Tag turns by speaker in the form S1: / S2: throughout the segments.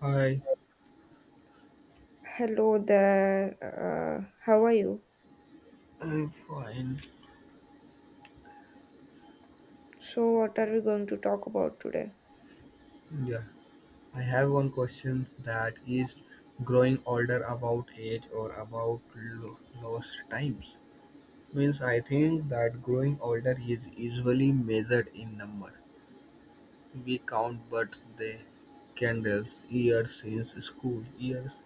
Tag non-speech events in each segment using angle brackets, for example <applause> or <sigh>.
S1: Hi,
S2: Hello there. How are you?
S1: I'm fine.
S2: So, what are we going to talk about today?
S1: Yeah, I have one question that is growing older about age or about lost times. Means I think that growing older is usually measured in number. We count birthday, candles, years since school, years,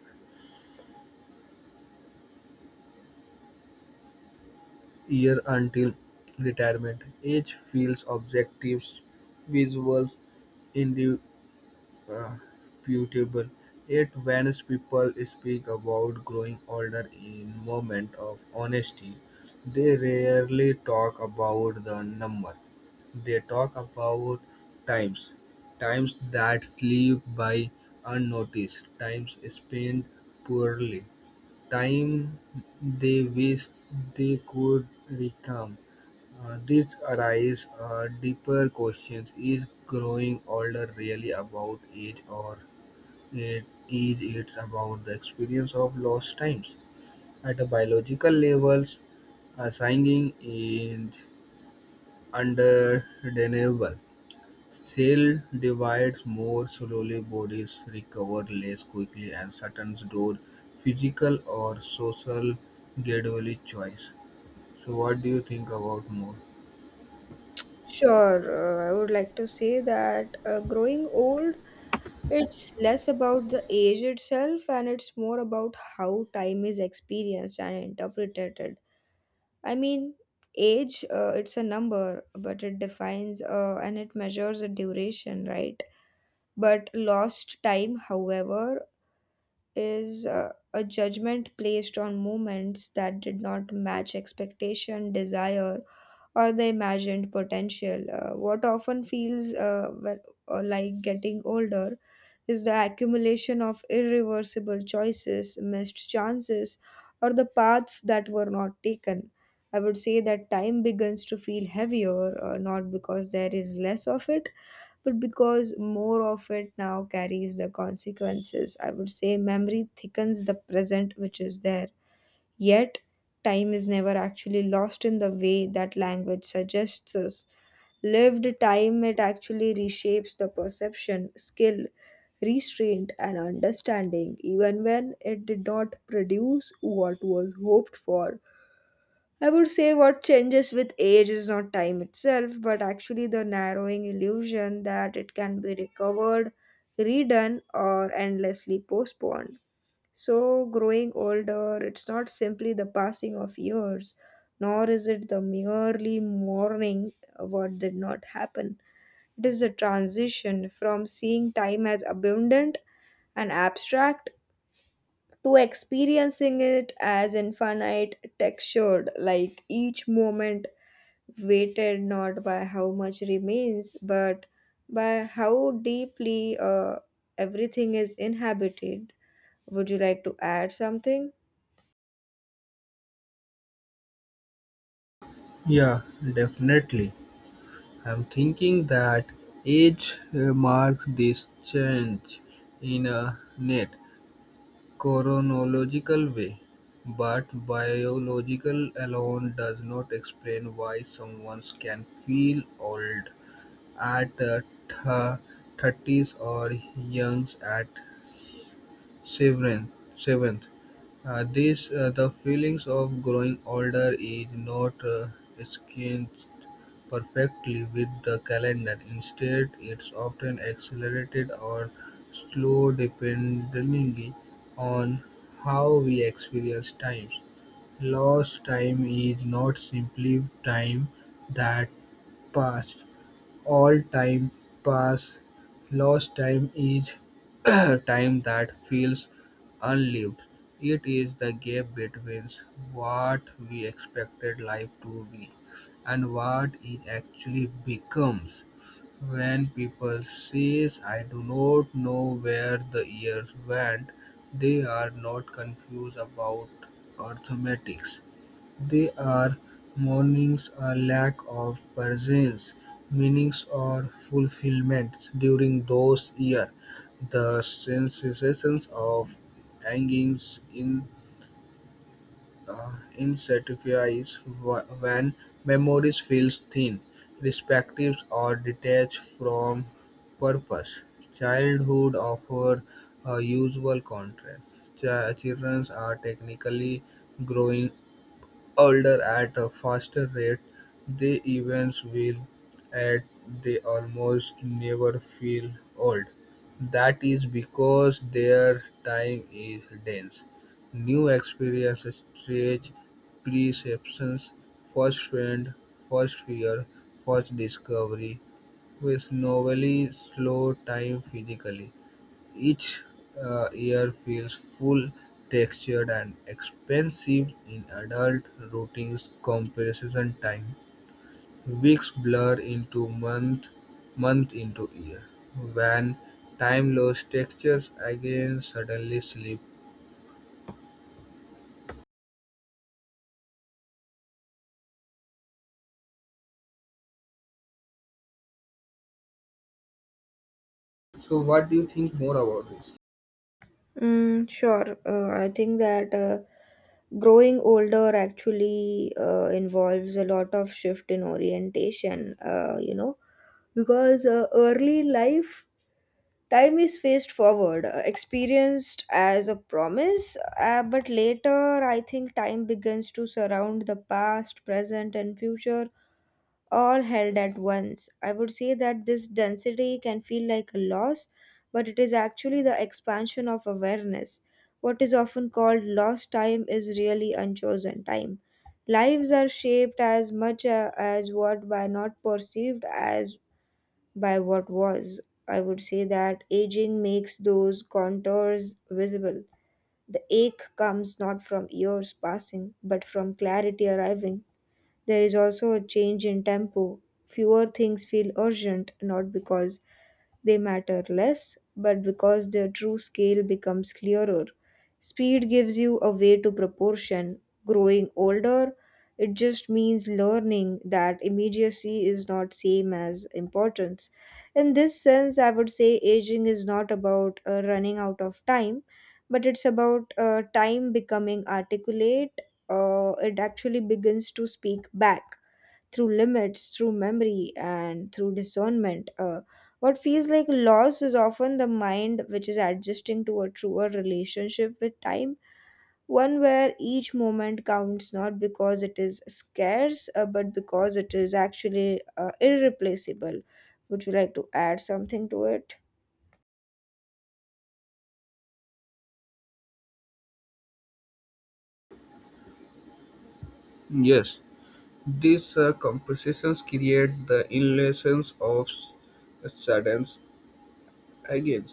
S1: year until retirement. Age feels objectives, visuals, indi- uh, putable. Yet when people speak about growing older in moment of honesty, they rarely talk about the number. They talk about times, times that slip by unnoticed, times spent poorly, time they wish they could recount. This arises deeper questions. Is growing older really about age or it is it's about the experience of lost times? At a biological levels, signing is undeniable. Cell divides more slowly, bodies recover less quickly, and certain door physical or social gradually choice. So what do you think about more?
S2: Sure. I would like to say that growing old, it's less about the age itself and it's more about how time is experienced and interpreted. I mean, age, it's a number, but it defines and it measures a duration, right? But lost time, however, is a judgment placed on moments that did not match expectation, desire, or the imagined potential. What often feels well, or like getting older is the accumulation of irreversible choices, missed chances, or the paths that were not taken. I would say that time begins to feel heavier, not because there is less of it, but because more of it now carries the consequences. I would say memory thickens the present which is there. Yet, time is never actually lost in the way that language suggests us. Lived time, it actually reshapes the perception, skill, restraint, and understanding, even when it did not produce what was hoped for. I would say what changes with age is not time itself, but actually the narrowing illusion that it can be recovered, redone, or endlessly postponed. So, growing older, it's not simply the passing of years, nor is it the merely mourning what did not happen. It is a transition from seeing time as abundant and abstract to experiencing it as infinite, textured, like each moment weighted not by how much remains, but by how deeply everything is inhabited. Would you like to add something?
S1: Yeah, definitely. I'm thinking that age marks this change in a net chronological way, but biological alone does not explain why someone can feel old at the 30s or youngs at 7th. Seventh. This the feelings of growing older is not escaped perfectly with the calendar. Instead, it's often accelerated or slow depending on how we experience time. Lost time is not simply time that passed. All time past lost time is <clears throat> time that feels unlived. It is the gap between what we expected life to be and what it actually becomes. When people says I do not know where the years went, they are not confused about arithmetics. They are mournings a lack of presence, meanings or fulfillment during those years, the sensations of hangings longing, insatisfaction when memories feels thin, restrictive or detached from purpose. Childhood offer a usual contrast. Children are technically growing older at a faster rate, the events will at they almost never feel old. That is because their time is dense. New experiences stretch perceptions, first friend, first fear, first discovery, with novelly slow time physically. Each ear feels full, textured and expensive in adult routings comparison time. Weeks blur into month, month into year. When time loss textures again suddenly slip. So what do you think more about this?
S2: Mm, sure. I think that growing older actually involves a lot of shift in orientation, you know, because early life time is faced forward, experienced as a promise, but later I think time begins to surround the past, present, and future all held at once. I would say that this density can feel like a loss, but it is actually the expansion of awareness. What is often called lost time is really unchosen time. Lives are shaped as much as what by not perceived as by what was. I would say that aging makes those contours visible. The ache comes not from years passing, but from clarity arriving. There is also a change in tempo. Fewer things feel urgent, not because they matter less, but because their true scale becomes clearer. Speed gives you a way to proportion. Growing older, it just means learning that immediacy is not same as importance. In this sense, I would say aging is not about running out of time, but it's about time becoming articulate. It actually begins to speak back through limits, through memory, and through discernment. What feels like loss is often the mind which is adjusting to a truer relationship with time, one where each moment counts not because it is scarce, but because it is actually irreplaceable. Would you like to add something to it?
S1: Yes, these compositions create the illusions of sudden again.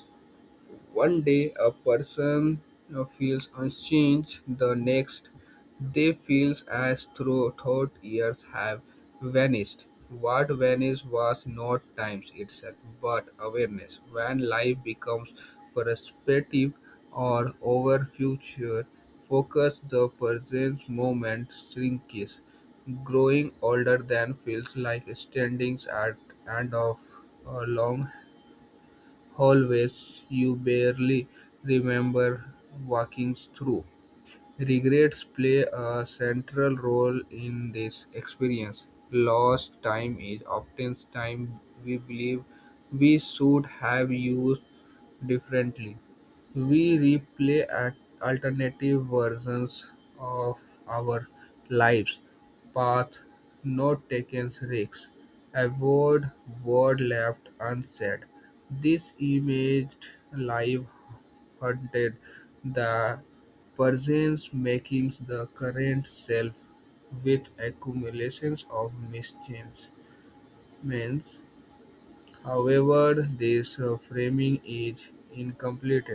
S1: One day a person feels unchanged, the next they feels as though thought years have vanished. What vanished was not time itself, but awareness. When life becomes perspective or over future, focus the present moment shrinks. Growing older than feels like standing at end of a long hallways you barely remember walking through. Regrets play a central role in this experience. Lost time is often time we believe we should have used differently. We replay at alternative versions of our lives, path not taken risks, avoid word left unsaid. This imaged life haunted the Perseus makes the current self, with accumulations of mischievance; however, this framing is incomplete;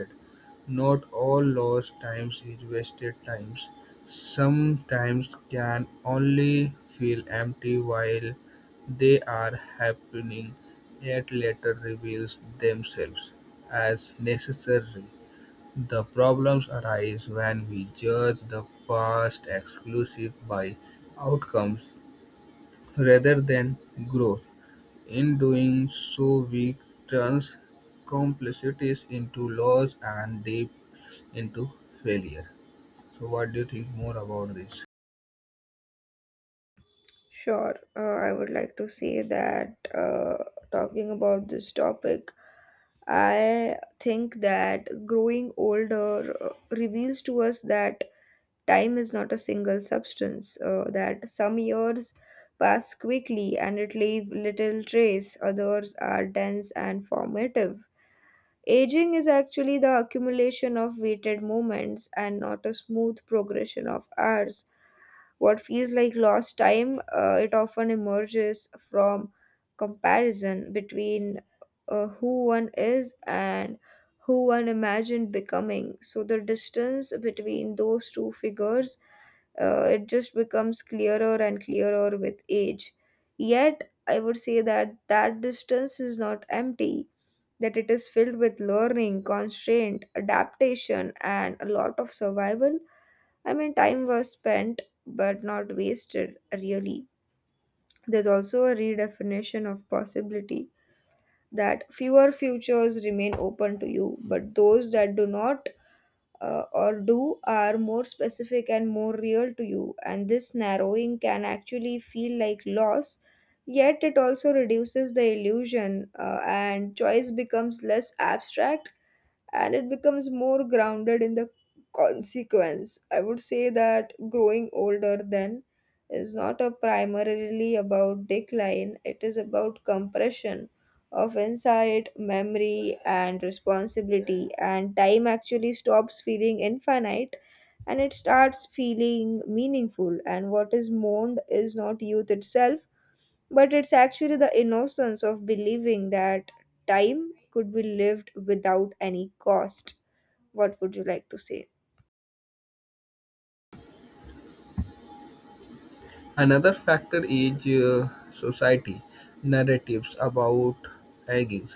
S1: not all lost times is wasted times. Some times can only feel empty while they are happening, yet later reveals themselves as necessary. The problems arise when we judge the past exclusive by outcomes rather than growth. In doing so, we turn complexities into loss and depth into failure. So, what do you think more about this?
S2: Sure, I would like to say that talking about this topic, I think that growing older reveals to us that time is not a single substance, that some years pass quickly and it leave little trace, others are dense and formative. Aging is actually the accumulation of weighted moments and not a smooth progression of hours. What feels like lost time, it often emerges from comparison between who one is and who one imagined becoming. So the distance between those two figures, it just becomes clearer and clearer with age. Yet, I would say that that distance is not empty, that it is filled with learning, constraint, adaptation, and a lot of survival. I mean, time was spent but not wasted, really. There's also a redefinition of possibility that fewer futures remain open to you, but those that do not or do are more specific and more real to you. And this narrowing can actually feel like loss, yet, it also reduces the illusion and choice becomes less abstract and it becomes more grounded in the consequence. I would say that growing older then is not a primarily about decline, it is about compression of insight, memory, and responsibility, and time actually stops feeling infinite and it starts feeling meaningful, and what is mourned is not youth itself but it's actually the innocence of believing that time could be lived without any cost. What would you like to say?
S1: Another factor is society narratives about aging.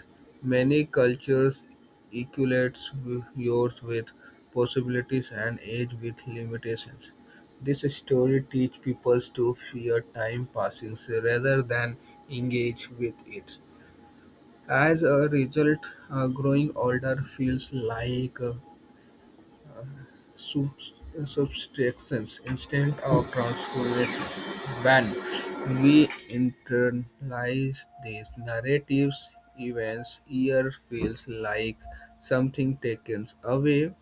S1: Many cultures equate yours with possibilities and age with limitations. This story teaches people to fear time passing rather than engage with it. As a result, growing older feels like subs- subtractions instead of transformations. When we internalize these narratives, events year feels like something taken away.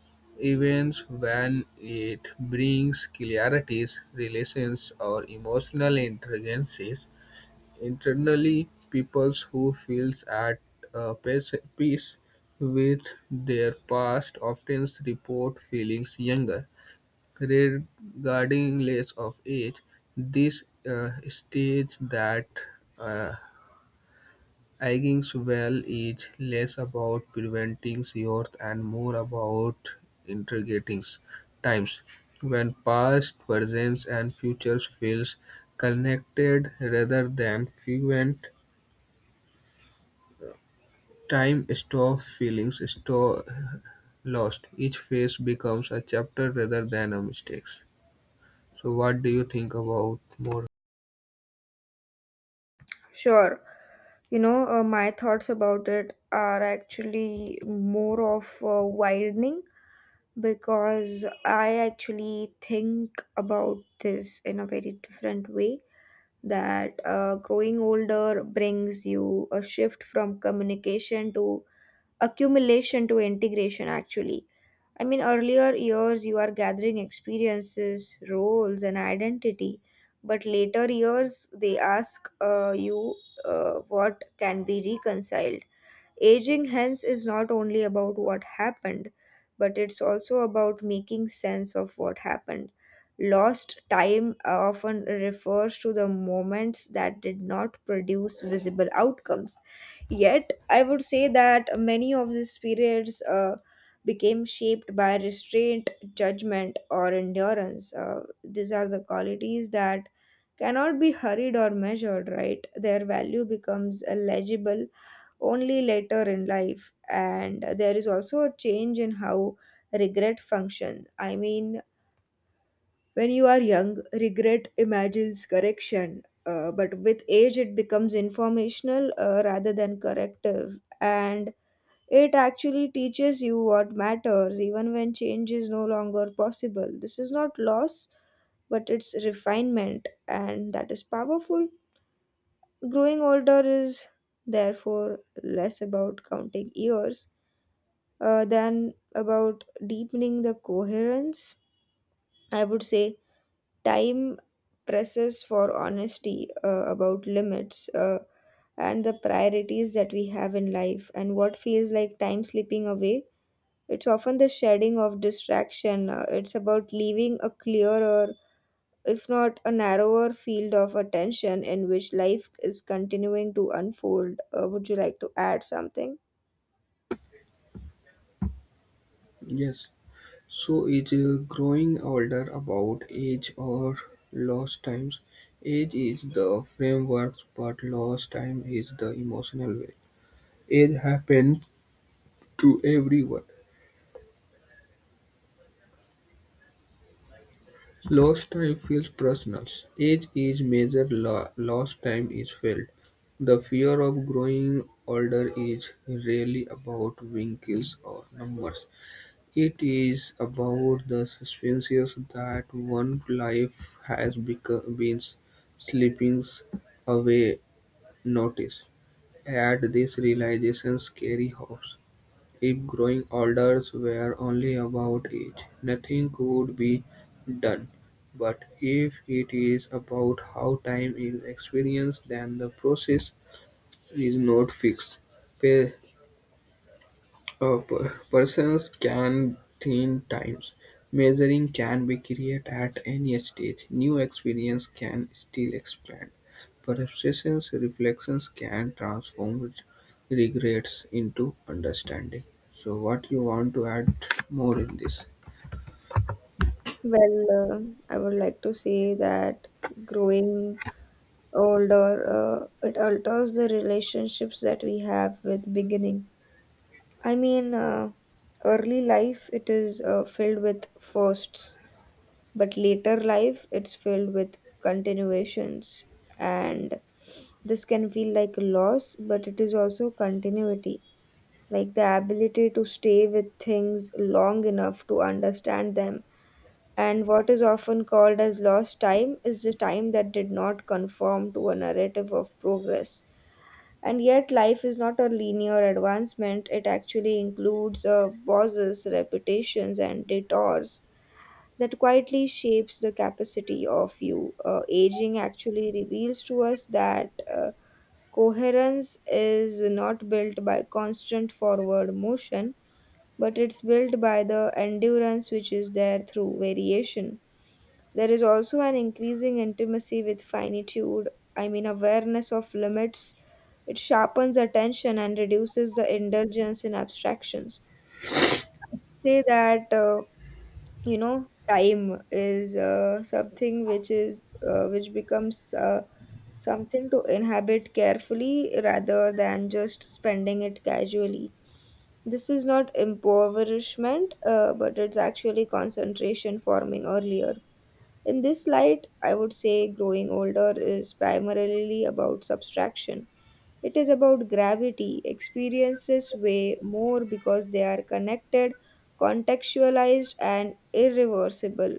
S1: Events when it brings clarities, relations, or emotional intelligences. Internally, peoples who feels at peace with their past often report feelings younger. Regarding less of age, this states that uh, aging well is less about preventing youth and more about integrating times when past, present, and future feels connected rather than fluent. Time stores feelings store lost; each phase becomes a chapter rather than a mistake. So what do you think about more?
S2: Sure. You know, my thoughts about it are actually more of widening because I actually think about this in a very different way. That growing older brings you a shift from communication to accumulation to integration actually. I mean, earlier years you are gathering experiences, roles, and identity, but later years they ask you what can be reconciled. Aging hence is not only about what happened but it's also about making sense of what happened. Lost time often refers to the moments that did not produce visible outcomes. Yet, I would say that many of these periods became shaped by restraint, judgment, or endurance. These are the qualities that cannot be hurried or measured, right? Their value becomes legible only later in life. And there is also a change in how regret function. I mean, when you are young, regret imagines correction, but with age, it becomes informational rather than corrective. And it actually teaches you what matters, even when change is no longer possible. This is not loss, but it's refinement, and that is powerful. Growing older is therefore less about counting years than about deepening the coherence. I would say time presses for honesty about limits and the priorities that we have in life, and what feels like time slipping away, it's often the shedding of distraction, it's about leaving a clearer if not a narrower field of attention in which life is continuing to unfold. Would you like to add something?
S1: Yes. So is growing older about age or lost times? Age is the framework, but lost time is the emotional way. Age happens to everyone. Lost time feels personal; age is measured, lost time is felt. The fear of growing older is rarely about wrinkles or numbers. It is about the suspense that one life has become, been slipping away. Notice, at this realization, scary hopes. If growing orders were only about age, nothing could be done, but if it is about how time is experienced then the process is not fixed. Pa- a person's can thin times. Measuring can be created at any stage. New experience can still expand. Perceptions, reflections can transform regrets into understanding. So, what you want to add more in this?
S2: Well, uh, I would like to say that growing older, it alters the relationships that we have with beginning. I mean, early life it is filled with firsts, but later life it's filled with continuations, and this can feel like a loss, but it is also continuity, like the ability to stay with things long enough to understand them. And what is often called as lost time is the time that did not conform to a narrative of progress. And yet, life is not a linear advancement, it actually includes pauses, repetitions, and detours that quietly shapes the capacity of you. Aging actually reveals to us that coherence is not built by constant forward motion but it's built by the endurance which is there through variation. There is also an increasing intimacy with finitude, I mean, awareness of limits. It sharpens attention and reduces the indulgence in abstractions. Say that, you know, time is something which is which becomes something to inhabit carefully rather than just spending it casually. This is not impoverishment, but it's actually concentration forming earlier. In this light, I would say growing older is primarily about subtraction. It is about gravity. Experiences weigh more because they are connected, contextualized, and irreversible.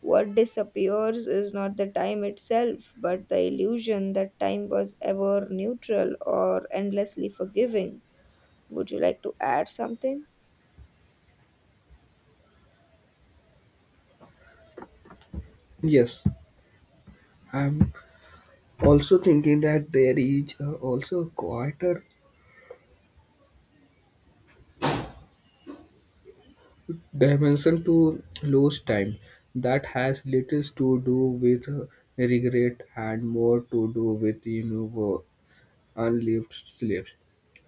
S2: What disappears is not the time itself, but the illusion that time was ever neutral or endlessly forgiving. Would you like to add something?
S1: Yes, I'm also thinking that there is also a quieter dimension to lose time that has little to do with regret and more to do with unlived sleeps.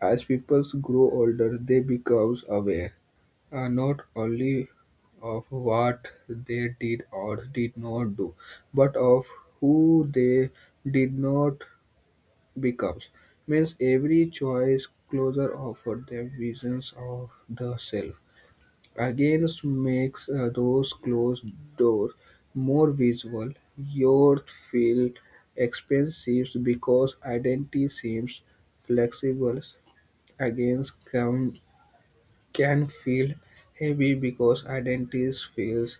S1: As people grow older, they become aware not only of what they did or did not do, but of who they did not become. Means every choice closer offered them visions of the self. Against makes those closed doors more visible, yet feel expensive because identity seems flexible. Against can feel heavy because identity feels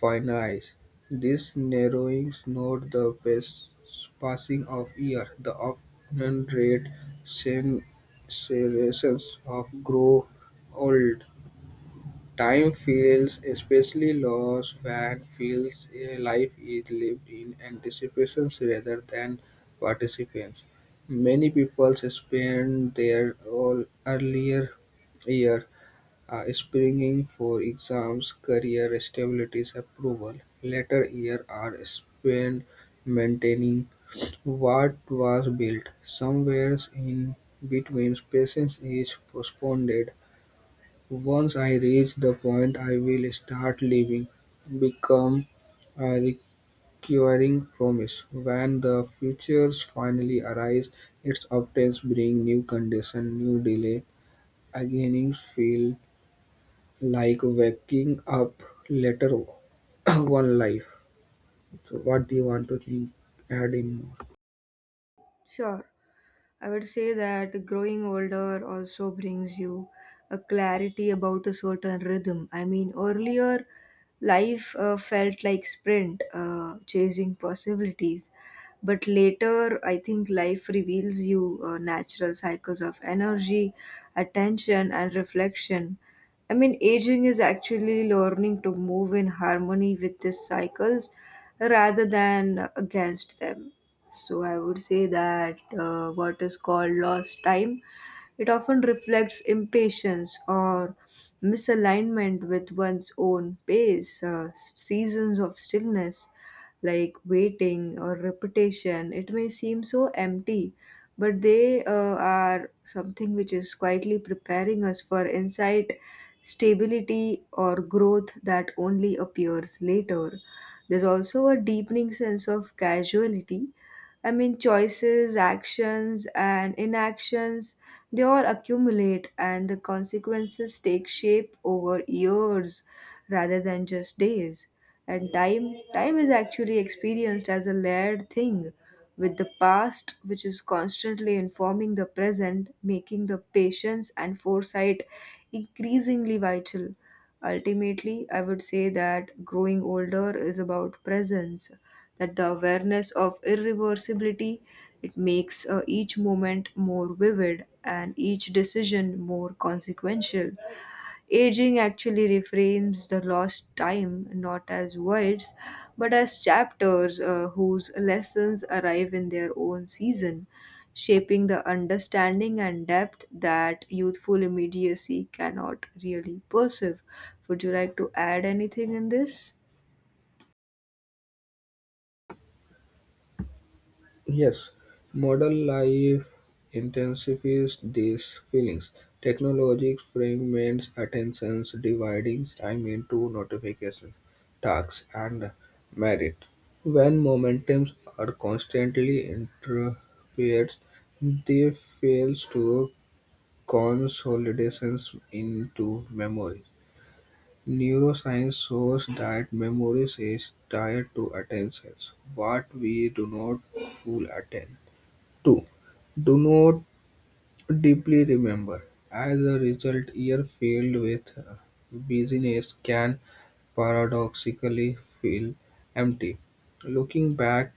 S1: finite. This narrowing is not the best passing of year, the often rate sensations of grow old. Time feels especially lost when feels a life is lived in anticipations rather than participants. Many people spend their all earlier year springing for exams, career stabilities, approval. Later year are spent maintaining what was built. Somewhere in between, patience is postponed once I reach the point I will start living, become a recurring promise. When the futures finally arise, its updates bring new condition, new delay. Again, it feel like waking up later <clears throat> one life. So what do you want to think add in more?
S2: Sure. I would say that growing older also brings you a clarity about a certain rhythm. I mean, earlier life felt like sprint, chasing possibilities. But later, I think life reveals you natural cycles of energy, attention, and reflection. I mean, aging is actually learning to move in harmony with these cycles rather than against them. So I would say that what is called lost time, it often reflects impatience or misalignment with one's own pace, seasons of stillness like waiting or repetition. It may seem so empty, but they are something which is quietly preparing us for insight, stability, or growth that only appears later. There's also a deepening sense of casualty. I mean, choices, actions, and inactions, they all accumulate, and the consequences take shape over years rather than just days. And time is actually experienced as a layered thing, with the past, which is constantly informing the present, making the patience and foresight increasingly vital. Ultimately, I would say that growing older is about presence, that the awareness of irreversibility, it makes each moment more vivid and each decision more consequential. Aging actually reframes the lost time not as voids but as chapters whose lessons arrive in their own season, shaping the understanding and depth that youthful immediacy cannot really perceive. Would you like to add anything in this?
S1: Yes, modern life intensifies these feelings. Technology fragments attentions, dividing time into notifications, tasks, and merit. When momentums are constantly interrupted, they fails to consolidations into memory. Neuroscience shows that memory is tied to attentions. What we do not full attend two, do not deeply remember. As a result, years filled with busyness can paradoxically feel empty. Looking back,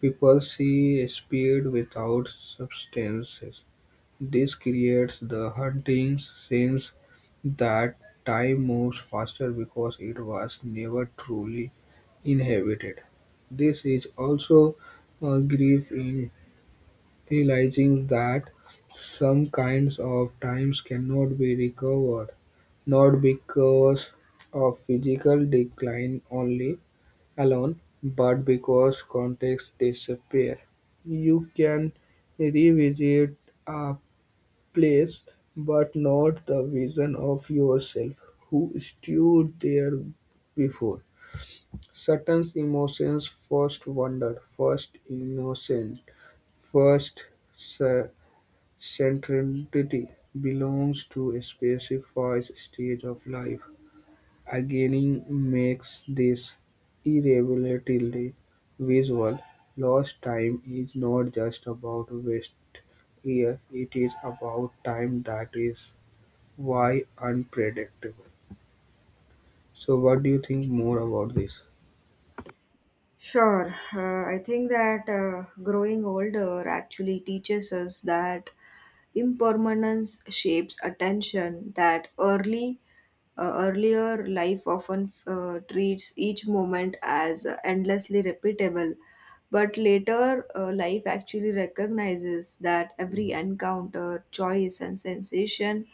S1: people see speed without substances. This creates the haunting sense that time moves faster because it was never truly inhabited. This is also a grief in realizing that some kinds of times cannot be recovered, not because of physical decline only alone, but because context disappear. You can revisit a place, but not the vision of yourself who stood there before. Certain emotions first wonder, first innocent, first sa- centrality belongs to a specified stage of life; aging makes this irreversibly visual. Lost time is not just about wasted year; it is about time that is why unpredictable. So what do you think more about this?
S2: Sure. I think that growing older actually teaches us that impermanence shapes attention, that early earlier life often treats each moment as endlessly repeatable, but later life actually recognizes that every encounter, choice, and sensation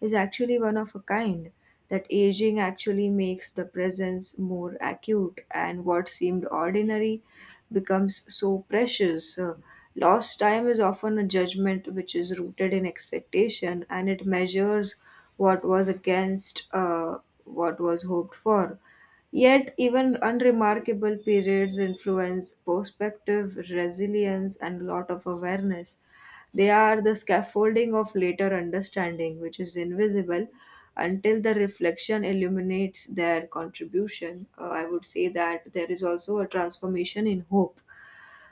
S2: is actually one of a kind, that aging actually makes the presence more acute and what seemed ordinary becomes so precious. Lost time is often a judgment which is rooted in expectation and it measures what was against what was hoped for. Yet, even unremarkable periods influence perspective, resilience, and a lot of awareness. They are the scaffolding of later understanding, which is invisible until the reflection illuminates their contribution. I would say that there is also a transformation in hope.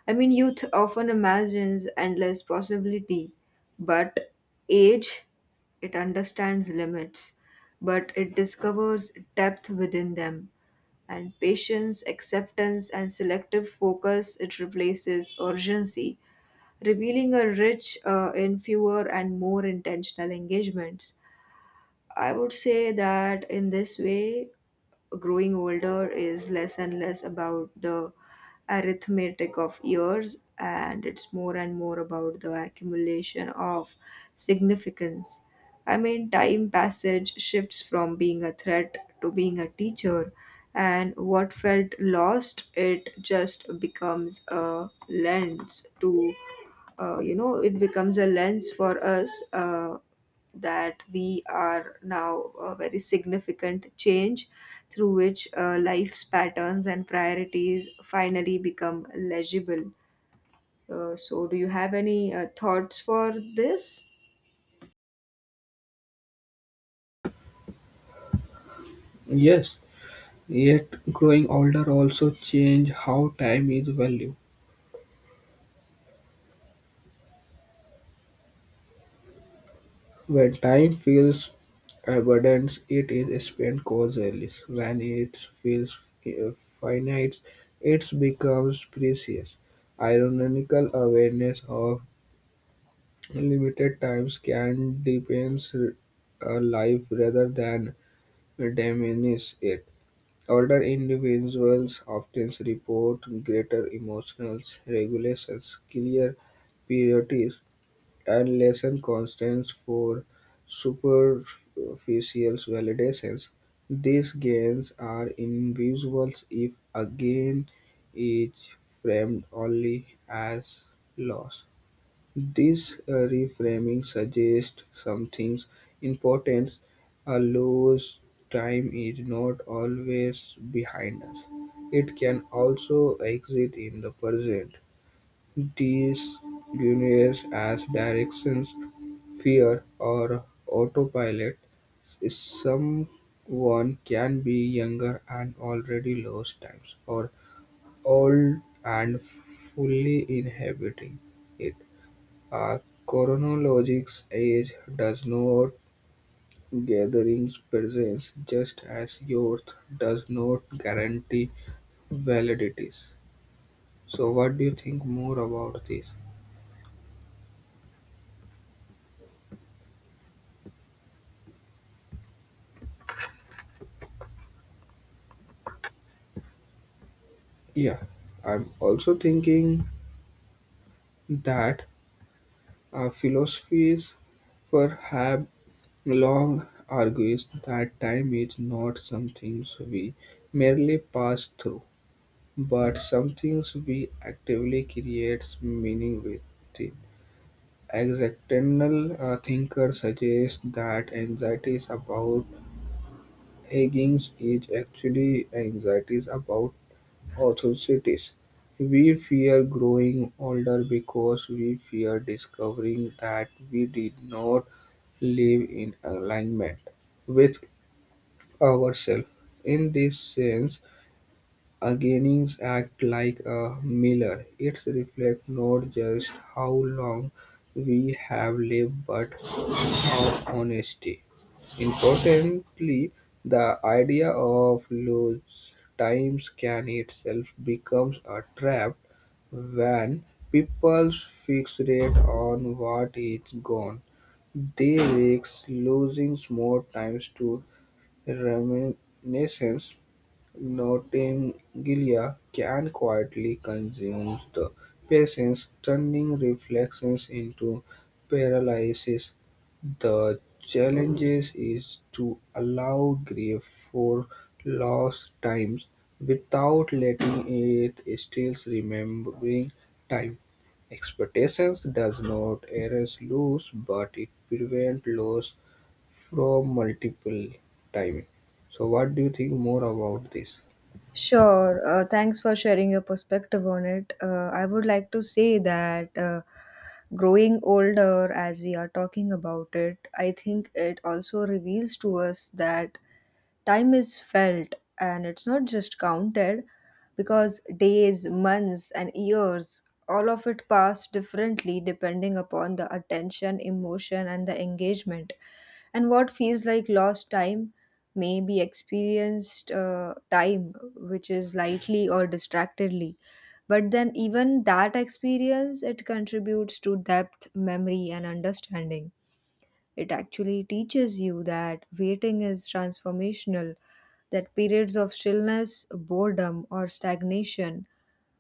S2: I mean, youth often imagines endless possibility, but age, it understands limits, but it discovers depth within them and patience, acceptance, and selective focus, it replaces urgency, revealing a rich in fewer and more intentional engagements. I would say that in this way, growing older is less and less about the arithmetic of years and it's more and more about the accumulation of significance. I mean, time passage shifts from being a threat to being a teacher, and what felt lost, it just becomes a lens to you know it becomes a lens for us that we are now a very significant change through which life's patterns and priorities finally become legible. So do you have any thoughts for this?
S1: Yes, yet growing older also change how time is valued. When time feels abundant, it is spent causally. When it feels uh, finite, it becomes precious. Ironical awareness of limited times can deepen a life rather than diminish it. Older individuals often report greater emotional regulations, clear priorities, and lessened constraints for superficial validations. These gains are invisible if a gain is framed only as loss. This reframing suggests something important. A loss time is not always behind us. It can also exist in the present. These deniers as directions, fear or autopilot is someone can be younger and already lost times or old and fully inhabiting it. A chronologic's age does not gatherings presence just as youth does not guarantee validities. So what do you think more about this? Yeah, I'm also thinking that philosophies perhaps long argues that time is not something we merely pass through, but something we actively create meaning within. Existential thinkers suggest that anxieties about aging is actually anxieties about authorities. We fear growing older because we fear discovering that we did not live in alignment with ourselves. In this sense, awakenings act like a mirror. It reflects not just how long we have lived, but our honesty. Importantly, the idea of loose times can itself becomes a trap when people fixate on what is gone. They risk losing more time to reminiscence. Notingilla can quietly consume the patients, turning reflections into paralysis. The challenge is to allow grief for lost times without letting it steal remembering time. Expectations does not erase loss, but it prevents loss from multiple time. So, what do you think more about this?
S2: Sure. Thanks for sharing your perspective on it. I would like to say that growing older, as we are talking about it, I think it also reveals to us that time is felt and it's not just counted, because days, months, and years, all of it pass differently depending upon the attention, emotion, and the engagement. And what feels like lost time may be experienced time which is lightly or distractedly, but then even that experience, it contributes to depth memory and understanding. It actually teaches you that waiting is transformational, that periods of stillness, boredom, or stagnation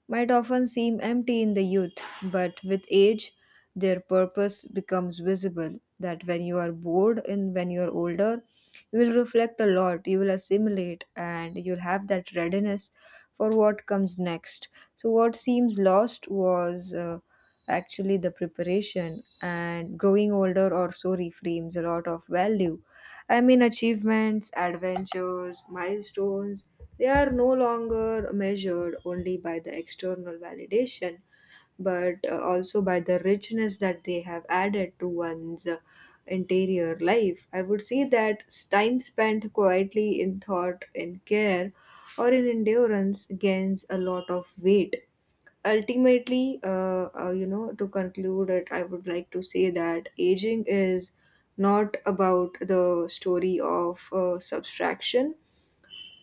S2: might often seem empty in the youth, but with age, their purpose becomes visible. That when you are bored and when you are older, you will reflect a lot, you will assimilate, and you'll have that readiness for what comes next. So, what seems lost was actually the preparation, and growing older or so reframes a lot of value. I mean, achievements, adventures, milestones, they are no longer measured only by the external validation, but also by the richness that they have added to one's interior life. I would say that time spent quietly in thought, in care, or in endurance gains a lot of weight. Ultimately, to conclude it, I would like to say that aging is not about the story of subtraction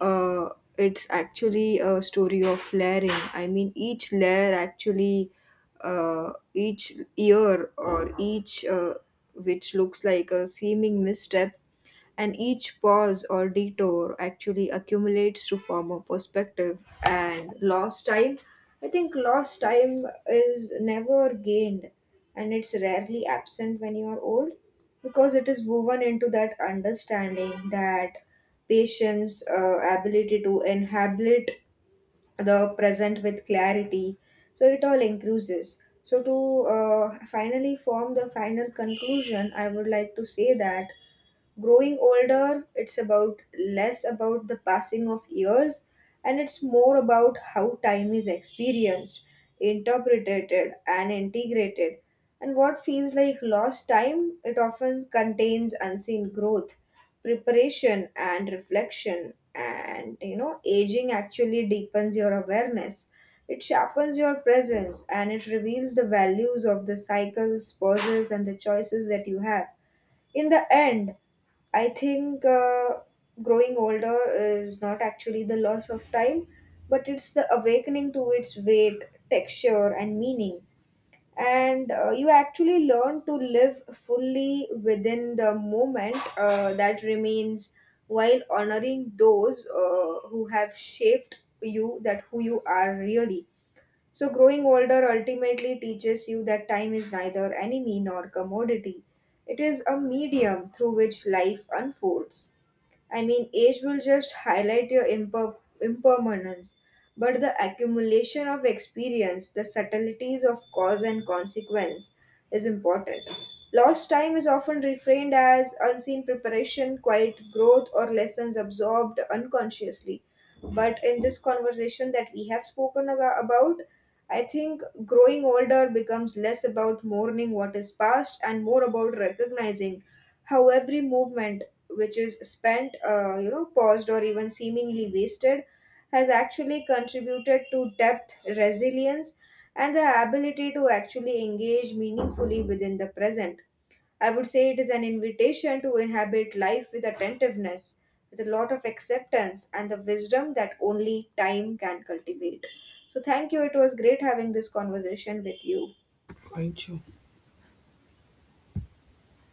S2: uh, it's actually a story of layering. I mean, each layer actually each year or each, which looks like a seeming misstep, and each pause or detour actually accumulates to form a perspective. And lost time, I think lost time, is never gained and it's rarely absent when you are old, because it is woven into that understanding, that patience, ability to inhabit the present with clarity. So it all increases. So to finally form the final conclusion, I would like to say that growing older, it's about less about the passing of years and it's more about how time is experienced, interpreted, and integrated, and what feels like lost time, it often contains unseen growth, preparation, and reflection. And you know, aging actually deepens your awareness, it sharpens your presence, and it reveals the values of the cycles, pauses, and the choices that you have. In the end, I think growing older is not actually the loss of time, but it's the awakening to its weight, texture, and meaning. And you actually learn to live fully within the moment that remains, while honoring those who have shaped you, that who you are really. So, growing older ultimately teaches you that time is neither enemy nor commodity. It is a medium through which life unfolds. I mean, age will just highlight your impermanence, but the accumulation of experience, the subtleties of cause and consequence, is important. Lost time is often reframed as unseen preparation, quiet growth, or lessons absorbed unconsciously. But in this conversation that we have spoken about, I think growing older becomes less about mourning what is past and more about recognizing how every movement which is spent, paused or even seemingly wasted, has actually contributed to depth, resilience, and the ability to actually engage meaningfully within the present. I would say it is an invitation to inhabit life with attentiveness, with a lot of acceptance, and the wisdom that only time can cultivate. So, thank you. It was great having this conversation with you.
S1: Thank you?